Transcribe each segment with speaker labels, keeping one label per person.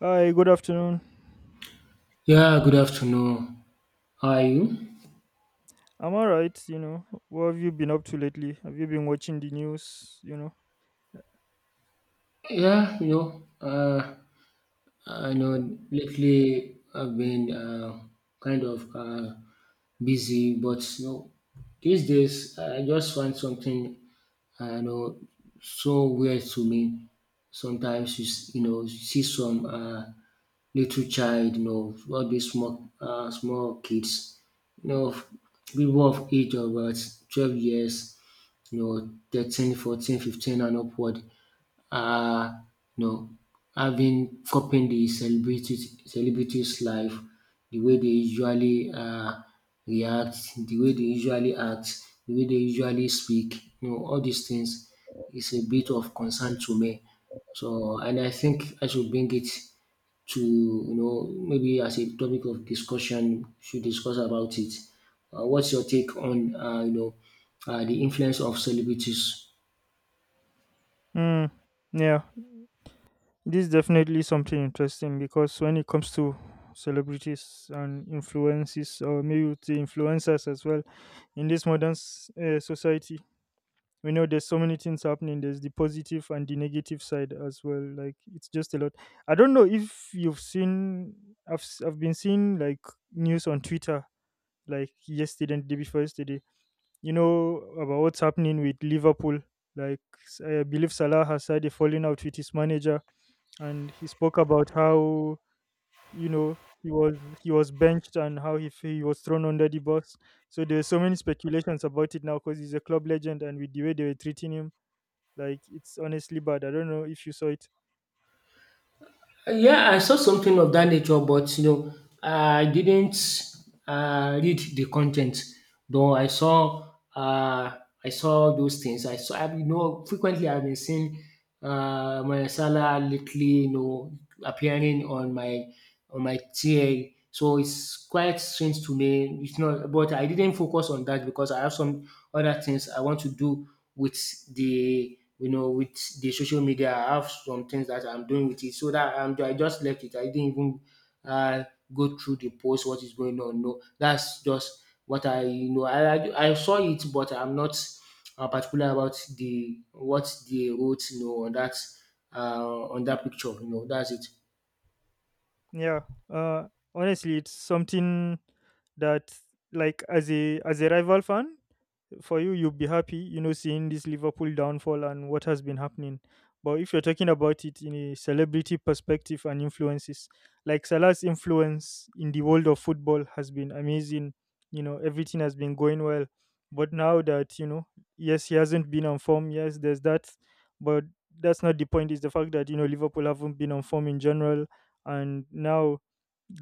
Speaker 1: Hi, good afternoon.
Speaker 2: Yeah, good afternoon. How are you?
Speaker 1: I'm alright, you know. What have you been up to lately? Have you been watching the news, you know?
Speaker 2: Yeah, you know, I know lately I've been kind of busy, but you know, these days I just find something, you know, so weird to me. Sometimes you know, you see some little child, you know, all these small, small kids, you know, people of age of about 12 years. You know, 13, 14, 15 and upward are, you know, having copying the celebrities, celebrities' life, the way they usually react, the way they usually act, the way they usually speak, you know, all these things is a bit of concern to me. So, and I think I should bring it to you know maybe as a topic of discussion should discuss about it. What's your take on you know the influence of celebrities?
Speaker 1: Mm, yeah, this is definitely something interesting because when it comes to celebrities and influences, or maybe with the influencers as well, in this modern society, we know there's so many things happening. There's the positive and the negative side as well, like it's just a lot. I don't know if you've seen. I've been seeing like news on Twitter, like yesterday and the day before yesterday, you know, about what's happening with Liverpool. Like, I believe Salah has had a falling out with his manager, and he spoke about how, you know, he was benched, and how he was thrown under the bus. So there's so many speculations about it now, because he's a club legend, and with the way they were treating him, like, it's honestly bad. I don't know if you saw it.
Speaker 2: Yeah, I saw something of that nature, but you know, I didn't read the content. Though I saw those things. I saw, I, you know, frequently I've been seeing my Salah lately, you know, appearing on my TA. So it's quite strange to me. It's not, but I didn't focus on that because I have some other things I want to do with the you know, with the social media, I have some things that I'm doing with it. So that I'm, I just left it. I didn't even uh, go through the post, what is going on. No, that's just what I, you know, I saw it, but I'm not particular about the what they wrote, you know, on that picture. You know, that's it.
Speaker 1: Yeah. Uh Honestly, it's something that, like, as a rival fan for you, you'll be happy, you know, seeing this Liverpool downfall and what has been happening. But if you're talking about it in a celebrity perspective and influences, like, Salah's influence in the world of football has been amazing. You know, everything has been going well. But now that, you know, yes, he hasn't been on form. Yes, there's that. But that's not the point. Is the fact that, you know, Liverpool haven't been on form in general. And now,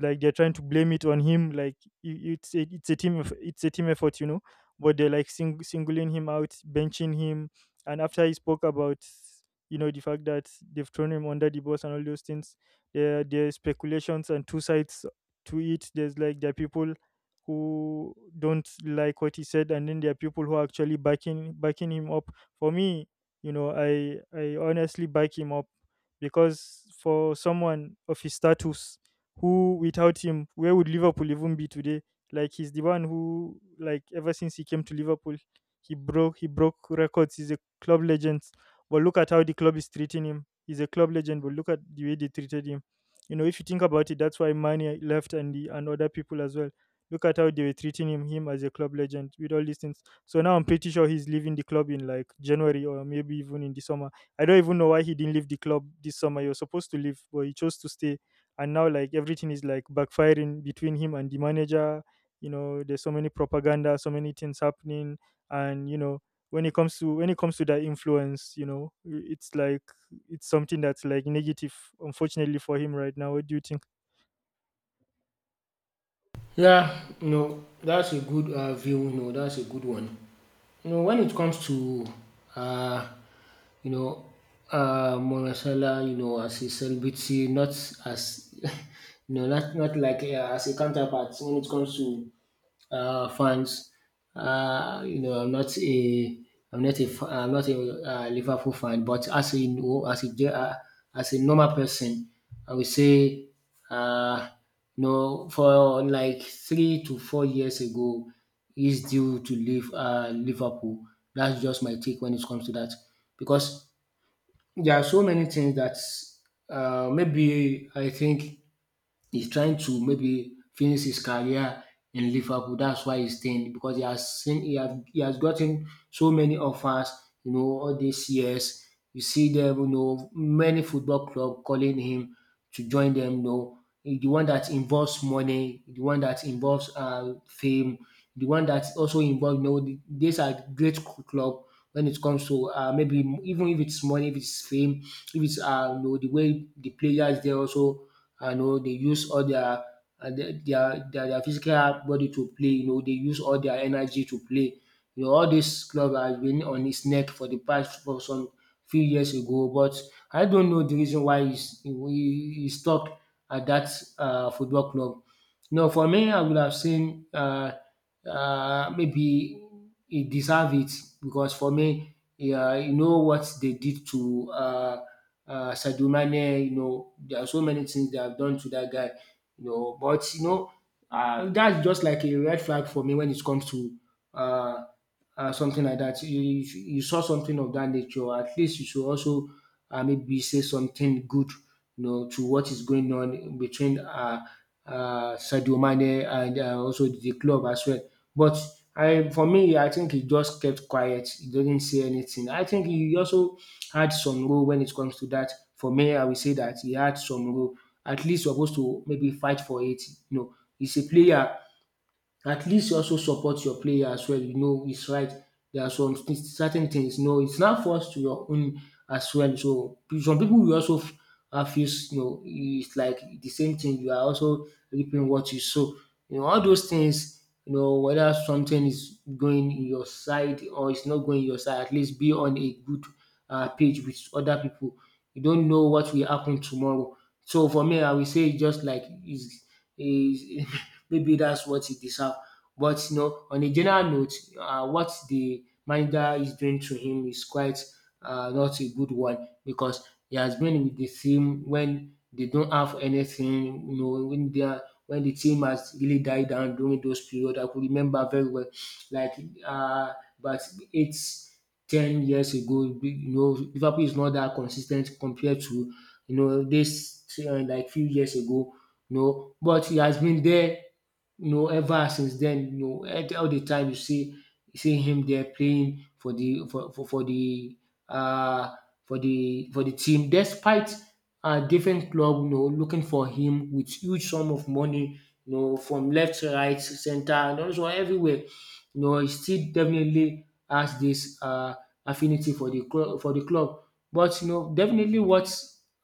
Speaker 1: like, they're trying to blame it on him. Like, it's a it's a team effort, you know, but they're like singling him out, benching him. And after he spoke about, you know, the fact that they've thrown him under the bus and all those things, there are speculations and two sides to it. There's like, there are people who don't like what he said, and then there are people who are actually backing him up. For me, you know, I honestly back him up, because for someone of his status, who, without him, where would Liverpool even be today? Like, he's the one who, like, ever since he came to Liverpool, he broke records. He's a club legend. But look at how the club is treating him. He's a club legend, but look at the way they treated him. You know, if you think about it, that's why Mane left, and other people as well. Look at how they were treating him as a club legend with all these things. So now I'm pretty sure he's leaving the club in like January or maybe even in the summer. I don't even know why he didn't leave the club this summer. He was supposed to leave, but he chose to stay. And now, like, everything is like backfiring between him and the manager. You know, there's so many propaganda, so many things happening. And you know, when it comes to that influence, you know, it's like, it's something that's like negative, unfortunately for him right now. What do you think?
Speaker 2: Yeah, no, that's a good view. No, that's a good one. You know, when it comes to, uh, you know, Monasala, you know, as a celebrity, not as, you know, not like as a counterpart. When it comes to fans. You know, I'm not a Liverpool fan, but as a no- as a normal person, I would say, uh, you know, for like 3 to 4 years ago, he's due to leave Liverpool. That's just my take when it comes to that, because there are so many things that maybe I think he's trying to maybe finish his career in Liverpool. That's why he's staying because he has seen he has gotten so many offers, you know, all these years. You see them, you know, many football club calling him to join them. You know, the one that involves money, the one that involves fame, the one that also involves, you know, these are great club when it comes to maybe even if it's money, if it's fame, if it's you know the way the players they also and you know they use all their their physical body to play you know they use all their energy to play. You know all this club has been on its neck for the past for some few years ago but I don't know the reason why is e e stuck at that football club. No, for me, I would have seen maybe he deserve it because for me, yeah, you know what they did to Sadio Mane. You know, there are so many things they have done to that guy. You know, but you know, that's just like a red flag for me when it comes to uh, something like that. You saw something of that nature. At least you should also maybe say something good, you know, to what is going on between Sadio Mane and also the club as well. But I for me I think he just kept quiet, he didn't say anything. I think he also had some role when it comes to that. For me, I will say that he had some role, at least supposed to maybe fight for it. You know, he's a player at least you also support your player as well. You know, it's right. There are certain things. You know, it's not forced to your own as well. So some people will also feel, you know, it's like the same thing. You are also reaping what you sow. You know, all those things. You know, whether something is going in your side or it's not going your side, at least be on a good page with other people. You don't know what will happen tomorrow. So for me, I will say just like is maybe that's what he deserves. But you know, on a general note, what the manager is doing to him is quite not a good one because he has been with the team when they don't have anything. You know, when they are when the team has really died down during those periods, I could remember very well, like uh, but it's 10 years ago, you know, Liverpool is not that consistent compared to, you know, this like few years ago, you know, but he has been there you know, ever since then, you know, all the time you see him there playing for the for the uh for the for the team, despite different club, you know, looking for him with huge sum of money, you know, from left, right, center, and also everywhere. You know, he still definitely has this affinity for the club for the club. But you know, definitely what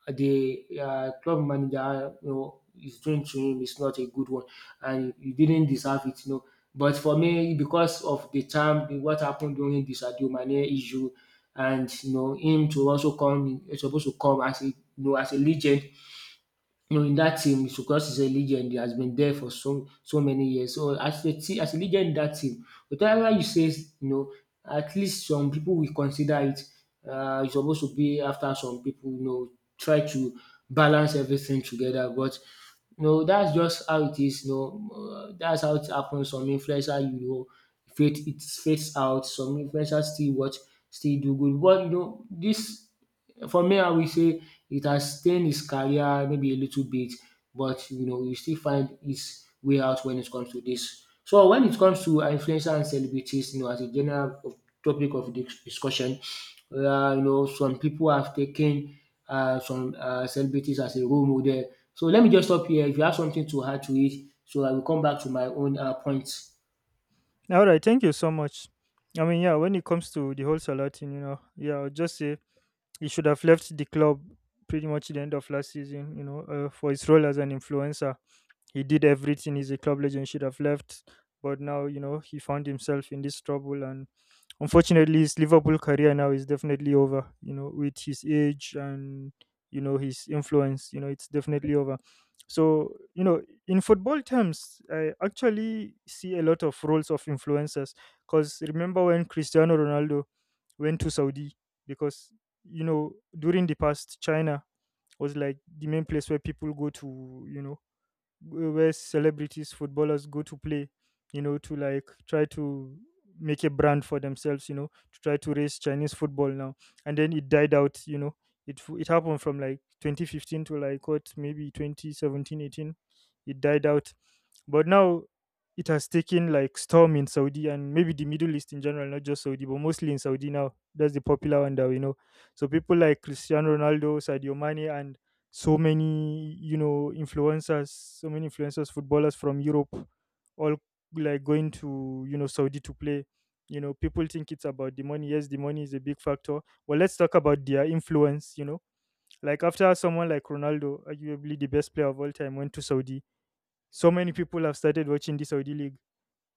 Speaker 2: the club manager you know is doing to him is not a good one and you didn't deserve it, you know. But for me, because of the time, what happened during the Sadio Mane issue, and you know him to also come, he's supposed to come as a you know as a legend you know, in that team, Tsukos is a legend. He has been there for so many years. So as a legend in that team, whatever you say, you know, at least some people will consider it. It's supposed to be after some people, you know, try to balance everything together. But you know, that's just how it is. You know, that's how it happens. Some influencer, you know, fades out. Some influencers still watch, still do good. But you know, this for me, I will say it has stained his career maybe a little bit, but you know, he still find his way out when it comes to this. So when it comes to influencer and celebrities, you know, as a general topic of discussion, you know, some people have taken some celebrities as a role model. So let me just stop here. If you have something to add to it, so I will come back to my own points.
Speaker 1: All right, thank you so much. I mean, yeah, when it comes to the whole Salatin, you know, yeah, I'll just say he should have left the club pretty much at the end of last season. You know, for his role as an influencer, he did everything. He's a club legend, should have left. But now, you know, he found himself in this trouble, and unfortunately, his Liverpool career now is definitely over. You know, with his age and, you know, his influence, you know, it's definitely over. So, you know, in football terms, I actually see a lot of roles of influencers. Because remember when Cristiano Ronaldo went to Saudi, because, you know, during the past, China was like the main place where people go to, you know, where celebrities, footballers go to play, you know, to like try to make a brand for themselves, you know, to try to raise Chinese football now. And then it died out, you know. It happened from like 2015 to like, what, maybe 2017, 18. It died out. But now it has taken like storm in Saudi, and maybe the Middle East in general, not just Saudi, but mostly in Saudi now. That's the popular one that we know. So people like Cristiano Ronaldo, Sadio Mane, and so many, you know, influencers, so many influencers, footballers from Europe, all, like, going to, you know, Saudi to play. You know, people think it's about the money. Yes, the money is a big factor. Well, let's talk about their influence, you know. Like, after someone like Ronaldo, arguably the best player of all time, went to Saudi, so many people have started watching the Saudi league.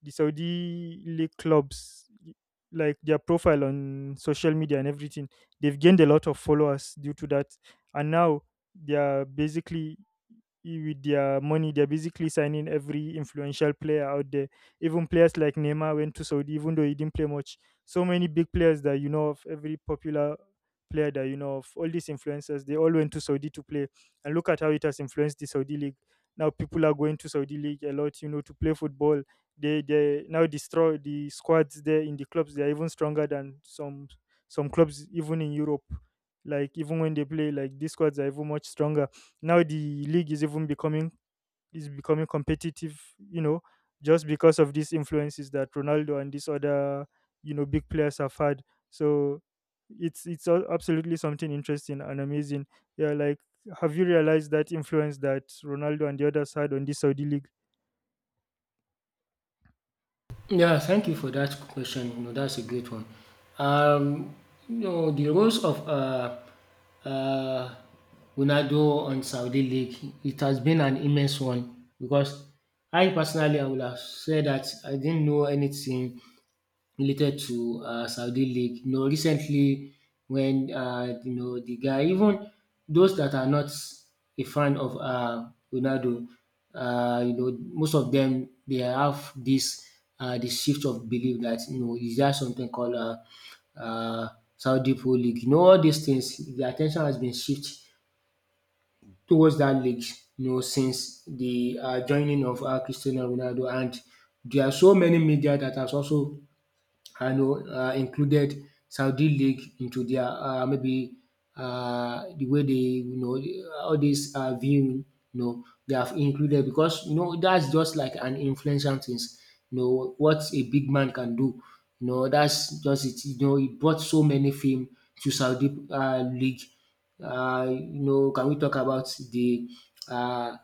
Speaker 1: The Saudi league clubs, like, their profile on social media and everything, they've gained a lot of followers due to that. And now they are basically with their money, they're basically signing every influential player out there. Even players like Neymar went to Saudi, even though he didn't play much. So many big players that you know of, every popular player that you know of, all these influencers, they all went to Saudi to play. And look at how it has influenced the Saudi league. Now people are going to Saudi league a lot, you know, to play football. They now destroy the squads there in the clubs. They are even stronger than some clubs even in Europe. Like, even when they play, like, these squads are even much stronger. Now the league is even becoming, is becoming competitive, you know, just because of these influences that Ronaldo and these other, you know, big players have had. So it's absolutely something interesting and amazing. Yeah, like, have you realized that influence that Ronaldo and the others had on this Saudi league?
Speaker 2: Yeah, thank you for that question. You know, that's a great one. Um, you know, the roles of uh, Ronaldo on Saudi League, it has been an immense one because I would have said that I didn't know anything related to Saudi League. You know, recently when you know the guy, even those that are not a fan of Ronaldo, you know, most of them they have this the shift of belief that you know is there something called uh, Saudi Pro League. You know, all these things, the attention has been shifted towards that league. You know, since the joining of Cristiano Ronaldo, and there are so many media that has also I know included Saudi League into their maybe the way they you know all these viewing you know they have included because you know that's just like an influential things you know what a big man can do you know that's just it you know it brought so many fame to Saudi League you know can we talk about uh,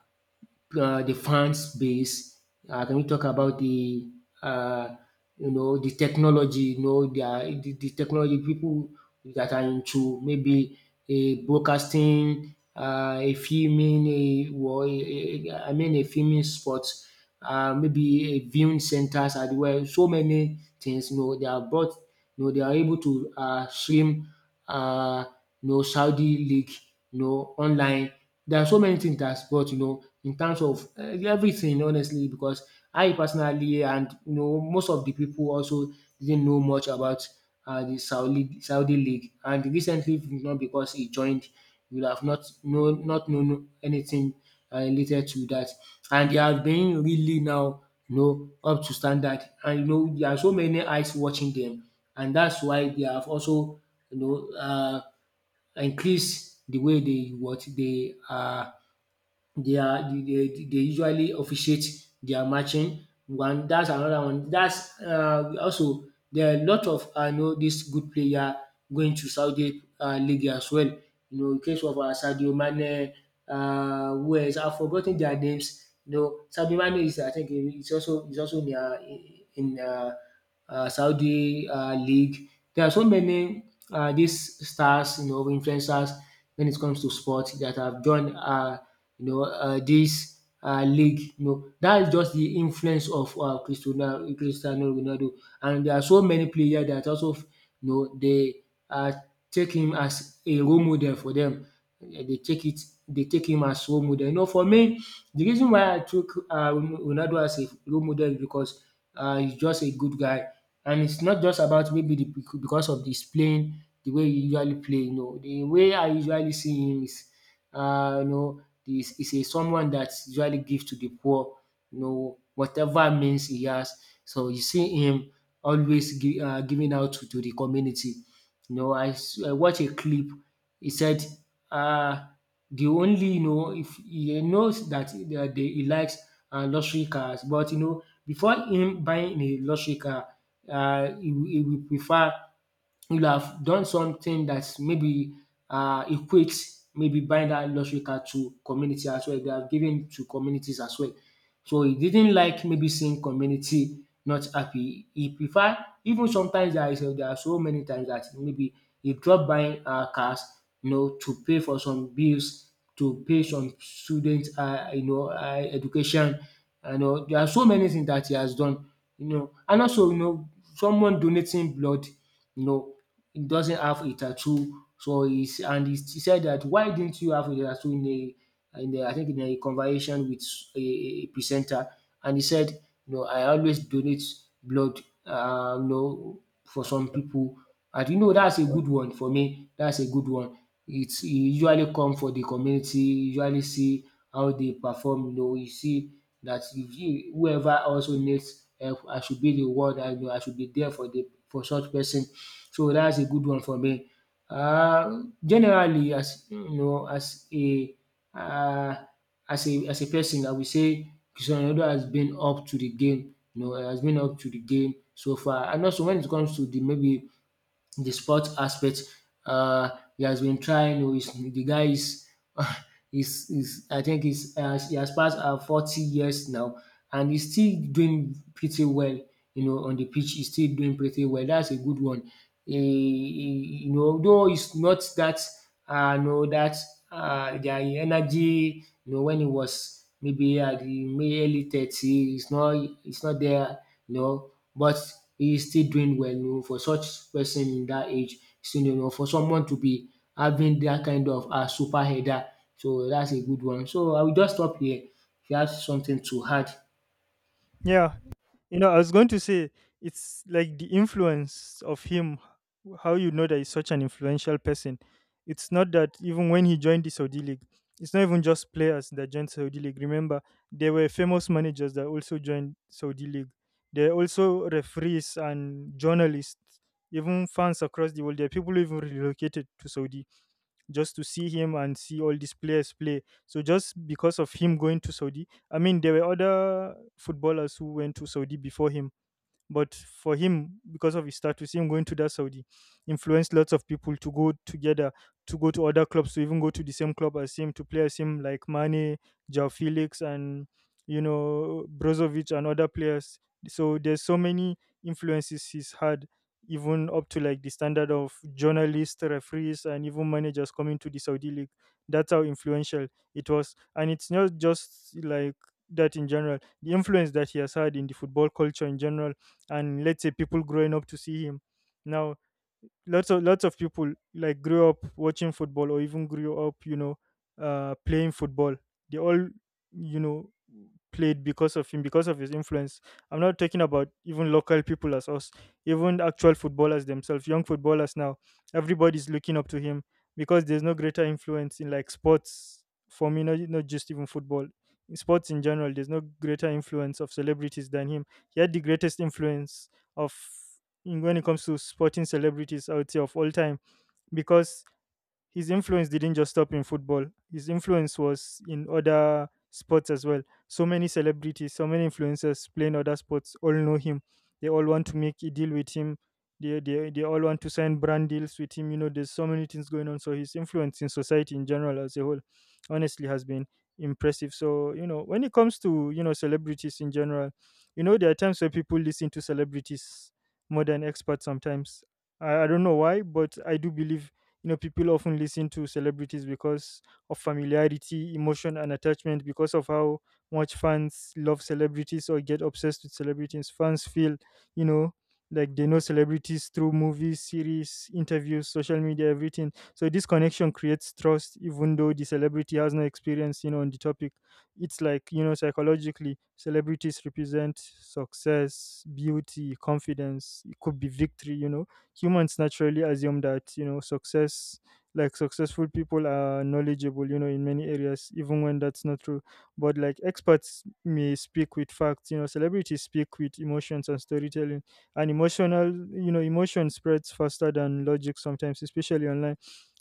Speaker 2: the fans base? Can we talk about the uh, you know the technology? You know the, the technology people that are into maybe a broadcasting, a filming, a I mean a filming sports, maybe a viewing centers as well. So many things. You know they are brought you know, they are able to stream uh, you know, Saudi league, you know, online. There are so many things that's brought, you know, in terms of everything, honestly, because I personally and you know most of the people also didn't know much about the Saudi league, and recently, you know, because he joined, you would have not known anything related to that, and they have been really now, you know, up to standard, and you know there are so many eyes watching them, and that's why they have also, you know uh, increased the way they what they are they usually officiate their matching. One that's another one. That's also there are a lot of I know this good player going to Saudi league as well. You know, in case of Sadio Mane, who else? I've forgotten their names. You know, Sadio Mane is I think he's also in in uh, Saudi league. There are so many these stars, you know, influencers when it comes to sport that have joined, this league. You know, that is just the influence of Cristiano Ronaldo, and there are so many players that also, you know, they uh, take him as a role model for them. Eh, they take it, they take him as role model. You know, for me, the reason why I took Ronaldo as a role model is because he's just a good guy. And it's not just about maybe the, because of his playing, the way he usually play. You know, the way I usually see him is, uh, you know, he's a someone that usually gives to the poor. You know, whatever means he has. So you see him always giving out to the community. You know, I watched a clip. He said, uh, the only, you know, if he knows that, he likes luxury cars, but, you know, before him buying a luxury car, he will prefer you'll have done something that maybe equates maybe buying that luxury car to community as well. They have given to communities as well. So he didn't like maybe seeing community not happy. He prefer, even sometimes, there are so many times that maybe he drop buying cars, you know, to pay for some bills, to pay some students, education, you know. There are so many things that he has done, you know, and also, you know, someone donating blood, you know, he doesn't have a tattoo. So he's, and he said that why didn't you have a tattoo, in a I think in a conversation with a presenter, and he said, "No, I always donate blood. No, for some people," and you know that's a good one for me. That's a good one. It's he usually come for the community. You usually see how they perform. You know, you see that you whoever also needs help I should be the one that, you know, I should be there for the for such person. So that's a good one for me. Generally, as you know, as a um as a person I would say Cristiano Ronaldo has been up to the game, you know, has been up to the game so far, and also when it comes to the maybe the sports aspect. Uh, he has been trying. Oh, he's, the guy is, is I think he has passed 40 years now, and he's still doing pretty well. You know, on the pitch, he's still doing pretty well. That's a good one. You know, though he's not that. No, that their energy. You know, when it was maybe at the early 30, it's not there. You know, but he's still doing well. You know, for such person in that age, still you know, for someone to be having that kind of super header, so that's a good one. So I will just stop here. If you have something to add,
Speaker 1: Yeah. You know, I was going to say it's like the influence of him, how, you know, that he's such an influential person. It's not that even when he joined the Saudi League, it's not even just players that joined Saudi League. Remember, there were famous managers that also joined Saudi League. There are also referees and journalists, even fans across the world. There are people who even relocated to Saudi just to see him and see all these players play. So just because of him going to Saudi, I mean, there were other footballers who went to Saudi before him, but for him, because of his status, him going to that Saudi influenced lots of people to go together, to go to other clubs, to even go to the same club as him, to play as him, like Mane, Joao Felix, and, you know, Brozovic and other players. So there's so many influences he's had, even up to like the standard of journalists, referees, and even managers coming to the Saudi league. That's how influential it was. And it's not just like that in general. The influence that he has had in the football culture in general, and let's say people growing up to see him now, lots of people like grew up watching football, or even grew up, you know, playing football. They all, you know, played because of him, because of his influence. I'm not talking about even local people as us. Even actual footballers themselves, young footballers now, everybody's looking up to him, because there's no greater influence in like sports, for me, not just even football. In sports in general, there's no greater influence of celebrities than him. He had the greatest influence of, when it comes to sporting celebrities, I would say of all time, because his influence didn't just stop in football. His influence was in other sports as well. So many celebrities, so many influencers playing other sports all know him. They all want to make a deal with him. They all want to sign brand deals with him. You know, there's so many things going on. So his influence in society in general as a whole, honestly, has been impressive. So, you know, when it comes to, you know, celebrities in general, you know, there are times where people listen to celebrities more than experts sometimes. I don't know why, but I do believe people often listen to celebrities because of familiarity, emotion, and attachment. Because of how much fans love celebrities or get obsessed with celebrities, fans feel, you know like they know celebrities through movies, series, interviews, social media, everything. So this connection creates trust even though the celebrity has no experience, on the topic. It's like, psychologically, celebrities represent success, beauty, confidence, it could be victory, humans naturally assume that, success, like successful people are knowledgeable, in many areas even when that's not true. But like, experts may speak with facts, celebrities speak with emotions and storytelling. And emotional, emotion spreads faster than logic sometimes, especially online.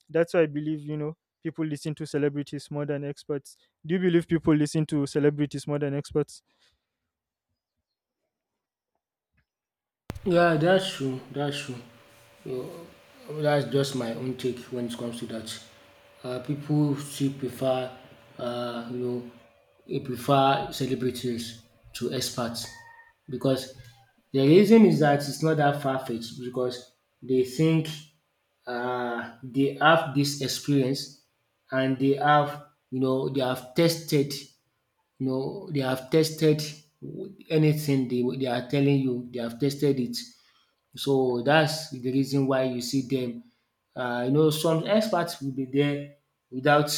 Speaker 1: That's why I believe, people listen to celebrities more than experts. Do you believe people listen to celebrities more than experts?
Speaker 2: yeah, that's true. That's true. Oh, that's just my own take when it comes to that. People still prefer, uh, you know, they prefer celebrities to experts, because the reason is that it's not that far fetched because they think they have this experience and they have, you know, they have tested, you know, they have tested anything they are telling you, they have tested it, so that's the reason why you see them. You know some experts will be there without,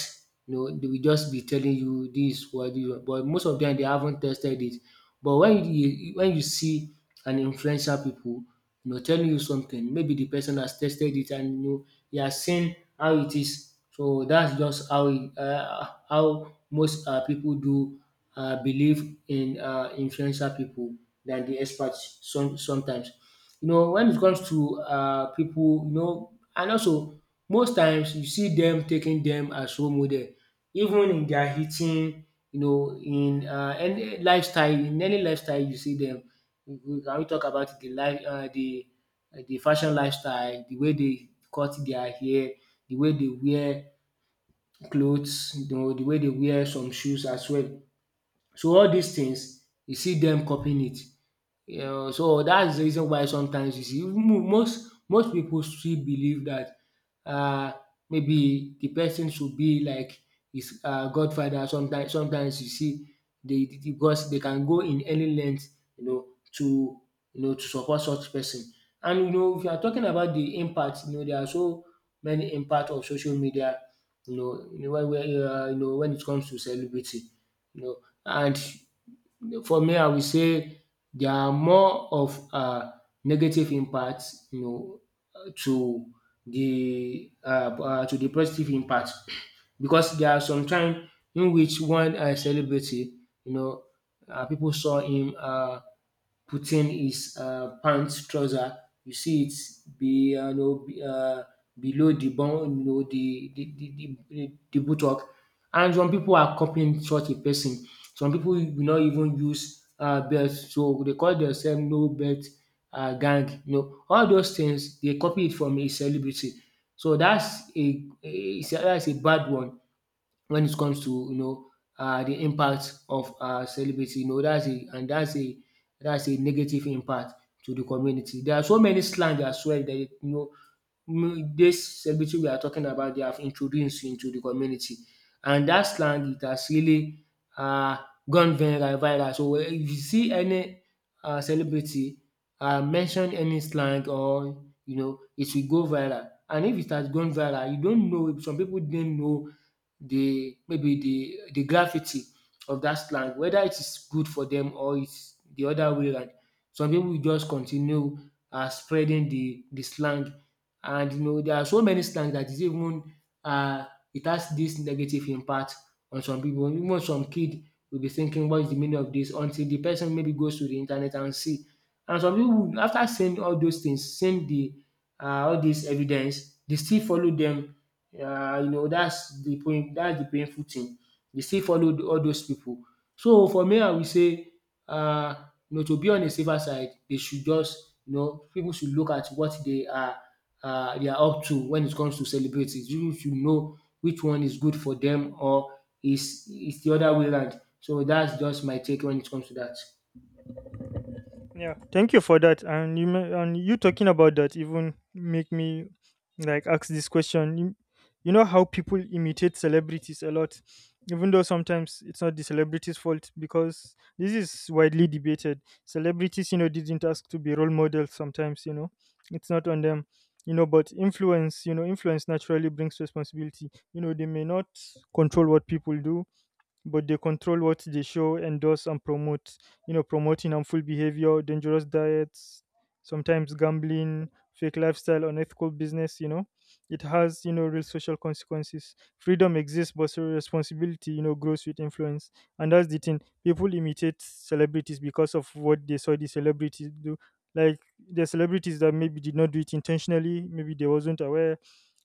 Speaker 2: you know, they will just be telling you this, is what, but most of them they haven't tested it. But when when you see an influential people, you know, telling you something, maybe the person has tested it and you know he has seen how it is. So that's just how, e how most pipu do believe in influential pipu than the experts sometimes. You know, when it comes to people, you know, and also most times you see them taking them as role model even in their eating, you know, in any lifestyle, in any lifestyle you see dem. Can we talk about the life the fashion lifestyle, the way they cut their hair, the way they wear clothes, you know, the way they wear some shoes as well. So all these things you see them copying it, you know. So that's the reason why sometimes you see most people still believe that, uh, maybe the person should be like his godfather sometimes. You see they because they can go in any length, you know, to, you know, to support such person. And you know if you are talking about the impact, you know, there are so many impact of social media, when, you know, when it comes to celebrity, you know. And for me, I will say there are more of negative impact, you know, uh, to to the positive impact, because there are some time in which one celebrity, you know, pipu saw him putting his pants trouser, you see it be you know below the bum, you know, the buttock, and some people are copying such a person. Some people will not even use belt so they call themselves "no belt gang", you know. All those things they copy it from a celebrity. So that's a that's a bad one when it comes to, you know, the impact of celebrity. You know that's a, and that's a negative impact to the community. There are so many slang as well that this celebrity we are talking about they have introduced into the community, and that slang it has really uh, gone viral. So if you see any celebrity mention any slang, or you know it will go viral, and if it has gone viral you don't know, some people didn't know the, maybe the gravity of that slang, whether it is good for them or it's the other way round. Some people will just continue spreading the slang, and you know there are so many slang that is even um it has this negative impact on some people. Even some kid will be thinking what is the meaning of this until the person maybe goes to the internet and see. And some people, after seeing all those things, seeing the um all this evidence, they still follow them, you know, that's the point. That's the painful thing. They still follow all those people. So for me I will say, um you know, to be on a safer side, they should just, you know, people should look at what they are, they are up to when it comes to celebrities. You should know which one is good for them or is the other way round. So that's just my take when it comes to that.
Speaker 1: Yeah, thank you for that. And and you talking about that even make me like ask this question. You know how people imitate celebrities a lot, even though sometimes it's not the celebrities' fault, because this is widely debated. Celebrities, you know, didn't ask to be role models. Sometimes, you know, it's not on them. You know, but influence, you know, influence naturally brings responsibility. You know, they may not control what people do, but they control what they show, endorse, and promote. You know, promoting harmful behavior, dangerous diets, sometimes gambling, fake lifestyle, unethical business. You know, it has real social consequences. Freedom exists, but so responsibility, you know, grows with influence, and that's the thing. People imitate celebrities because of what they saw the celebrities do. Like, the celebrities that maybe did not do it intentionally, maybe they wasn't aware,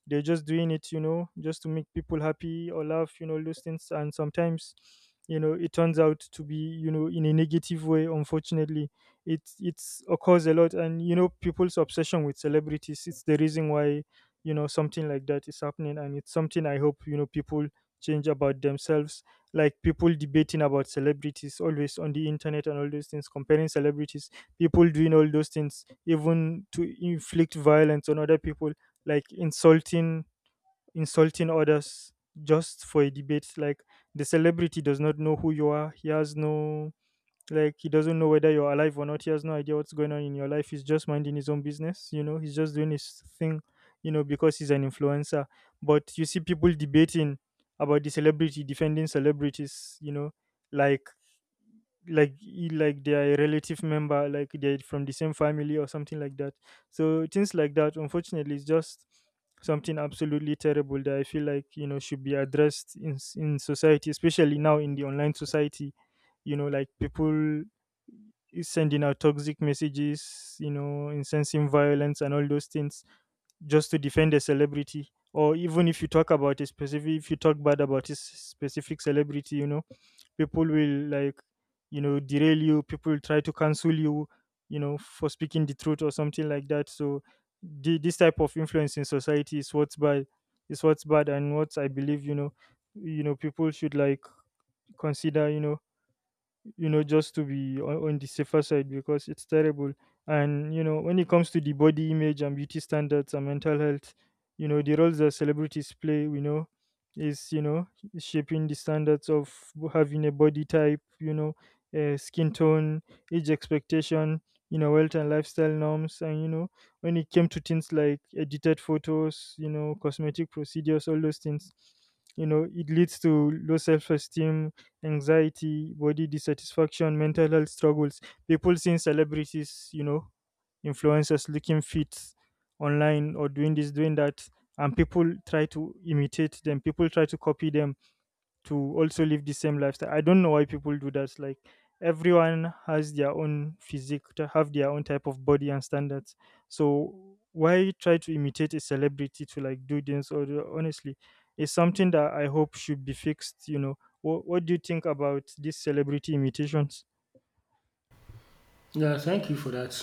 Speaker 1: they're just doing it, you know, just to make people happy or laugh, you know, those things. And sometimes, you know, it turns out to be, you know, in a negative way. Unfortunately, it it's occurs a lot, and you know, people's obsession with celebrities. It's the reason why, you know, something like that is happening, and it's something I hope you know people change about themselves. Like, people debating about celebrities always on the internet and all those things, comparing celebrities, people doing all those things even to inflict violence on other people, like insulting others just for a debate. Like, the celebrity does not know who you are. He has no, like, he doesn't know whether you're alive or not. He has no idea what's going on in your life. He's just minding his own business, you know, he's just doing his thing, you know, because he's an influencer. But you see people debating about the celebrity, defending celebrities, you know, like, like they are a relative member, like they're from the same family or something like that. So things like that, unfortunately, is just something absolutely terrible that I feel like, you know, should be addressed in in society, especially now in the online society. You know, like, people is sending out toxic messages, you know, incensing violence and all those things, just to defend a celebrity. Or even if you talk about a specific, if you talk bad about a specific celebrity, you know, people will, like, you know, derail you. People will try to cancel you, you know, for speaking the truth or something like that. So this type of influence in society is what's bad, is what's bad. And what I believe, you know, you know, people should like consider, you know, you know, just to be on the safer side, because it's terrible. And you know, when it comes to the body image and beauty standards and mental health, you know, the roles that celebrities play, we know, is, you know, shaping the standards of having a body type, you know, skin tone, age expectation, you know, wealth and lifestyle norms. And you know, when it came to things like edited photos, you know, cosmetic procedures, all those things, you know, it leads to low self-esteem, anxiety, body dissatisfaction, mental health struggles. People seeing celebrities, you know, influencers looking fit online, or doing this, doing that, and people try to imitate them. People try to copy them to also live the same lifestyle. I don't know why people do that. Like, everyone has their own physique, to have their own type of body and standards. So why try to imitate a celebrity to like do this? Or honestly, it's something that I hope should be fixed. You know, what do you think about these celebrity imitations?
Speaker 2: Yeah, thank you for that.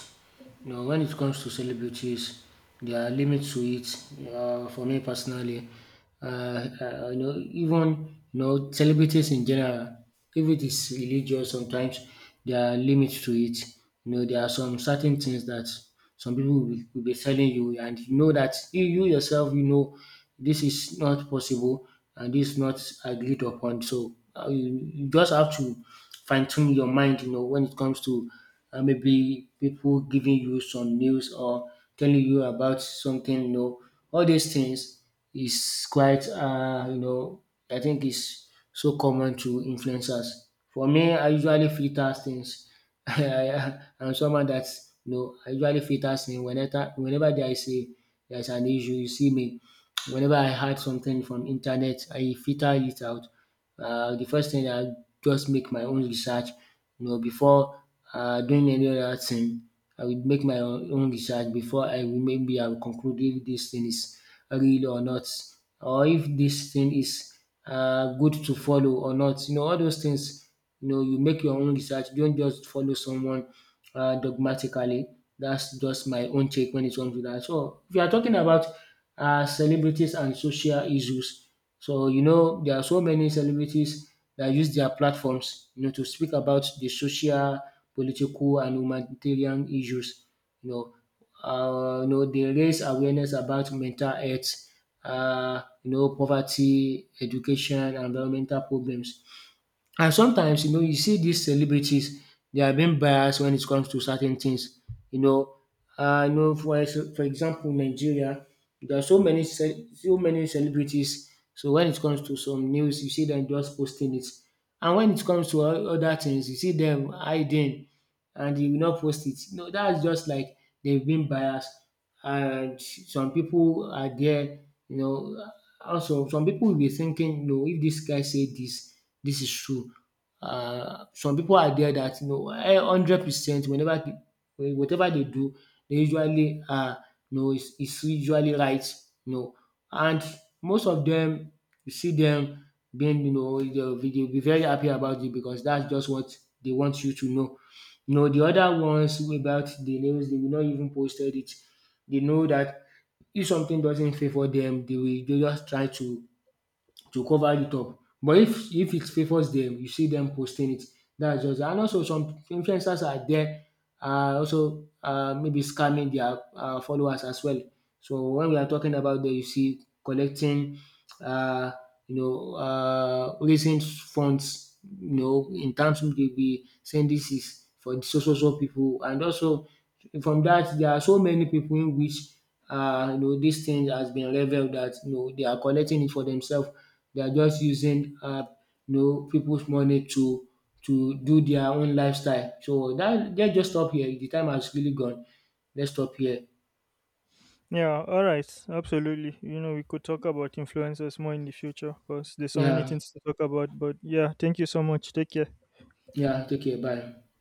Speaker 2: You know, when it comes to celebrities, there are limits to it. For me personally, you know, even you know, celebrities in general, if it is religious, sometimes there are limits to it. You know, there are some certain things that some people will be telling you, and you know that you yourself, you know, this is not possible and this is not agreed upon. So you, you just have to fine tune your mind, you know, when it comes to maybe people giving you some news or telling you about something. You know, all these things is quite, you know, I think is so common to influencers. For me, I usually filter things. I am someone that, you know, I usually filter things whenever there is an issue. You see me, whenever I had something from internet, I filter it out. The first thing I just make my own research, you know, before doing any other thing, I will make my own research before I will, maybe I will conclude if this thing is real or not, or if this thing is good to follow or not. You know all those things, you know you make your own research, don't just follow someone dogmatically. That's just my own take when it comes to that. So if you are talking about celebrities and social issues, so you know there are so many celebrities that use their platforms, you know, to speak about the social, political, and humanitarian issues. You know, you know they raise awareness about mental health, you know, poverty, education, and environmental problems. And sometimes, you know, you see these celebrities, they are being biased when it comes to certain things. You know, you know, for for example, Nigeria, there are so many so many celebrities. So when it comes to some news, you see them just posting it, and when it comes to other things, you see them hiding, and they will not post it. No, that's just like they've been biased. And some people are there, you know. Also, some people will be thinking, no, if this guy said this, this is true. Some people are there that you know, eh, 100% whenever they, whatever they do they usually, you know, is usually right, you know, and most of them you see them being, you know, dey dey be very happy about it because that's just what they want you to know. You know de other ones, about the news, they will not even posted it. They know that if something doesn't favour them, they just try to cover it up. But if, it favours them, you see them posting it. That's just, and also some influencers are there. Also maybe scamming their followers as well. So when we are talking about dem you see collecting, uh you know, raising funds, you know, in terms of they be saying this is for the so so so people, and also from that there are so many people in which, you know, this thing has been revealed that you know they are collecting it for themselves. They are just using, you know, people's money to do their own lifestyle. So that, let's just stop here. The time has really gone. Let's stop here.
Speaker 1: Yeah, all right, absolutely. You know, we could talk about influencers more in the future because there's so many
Speaker 2: Yeah,
Speaker 1: things to talk about. But yeah, thank you so much. Take care.
Speaker 2: yeah. Take care. Bye.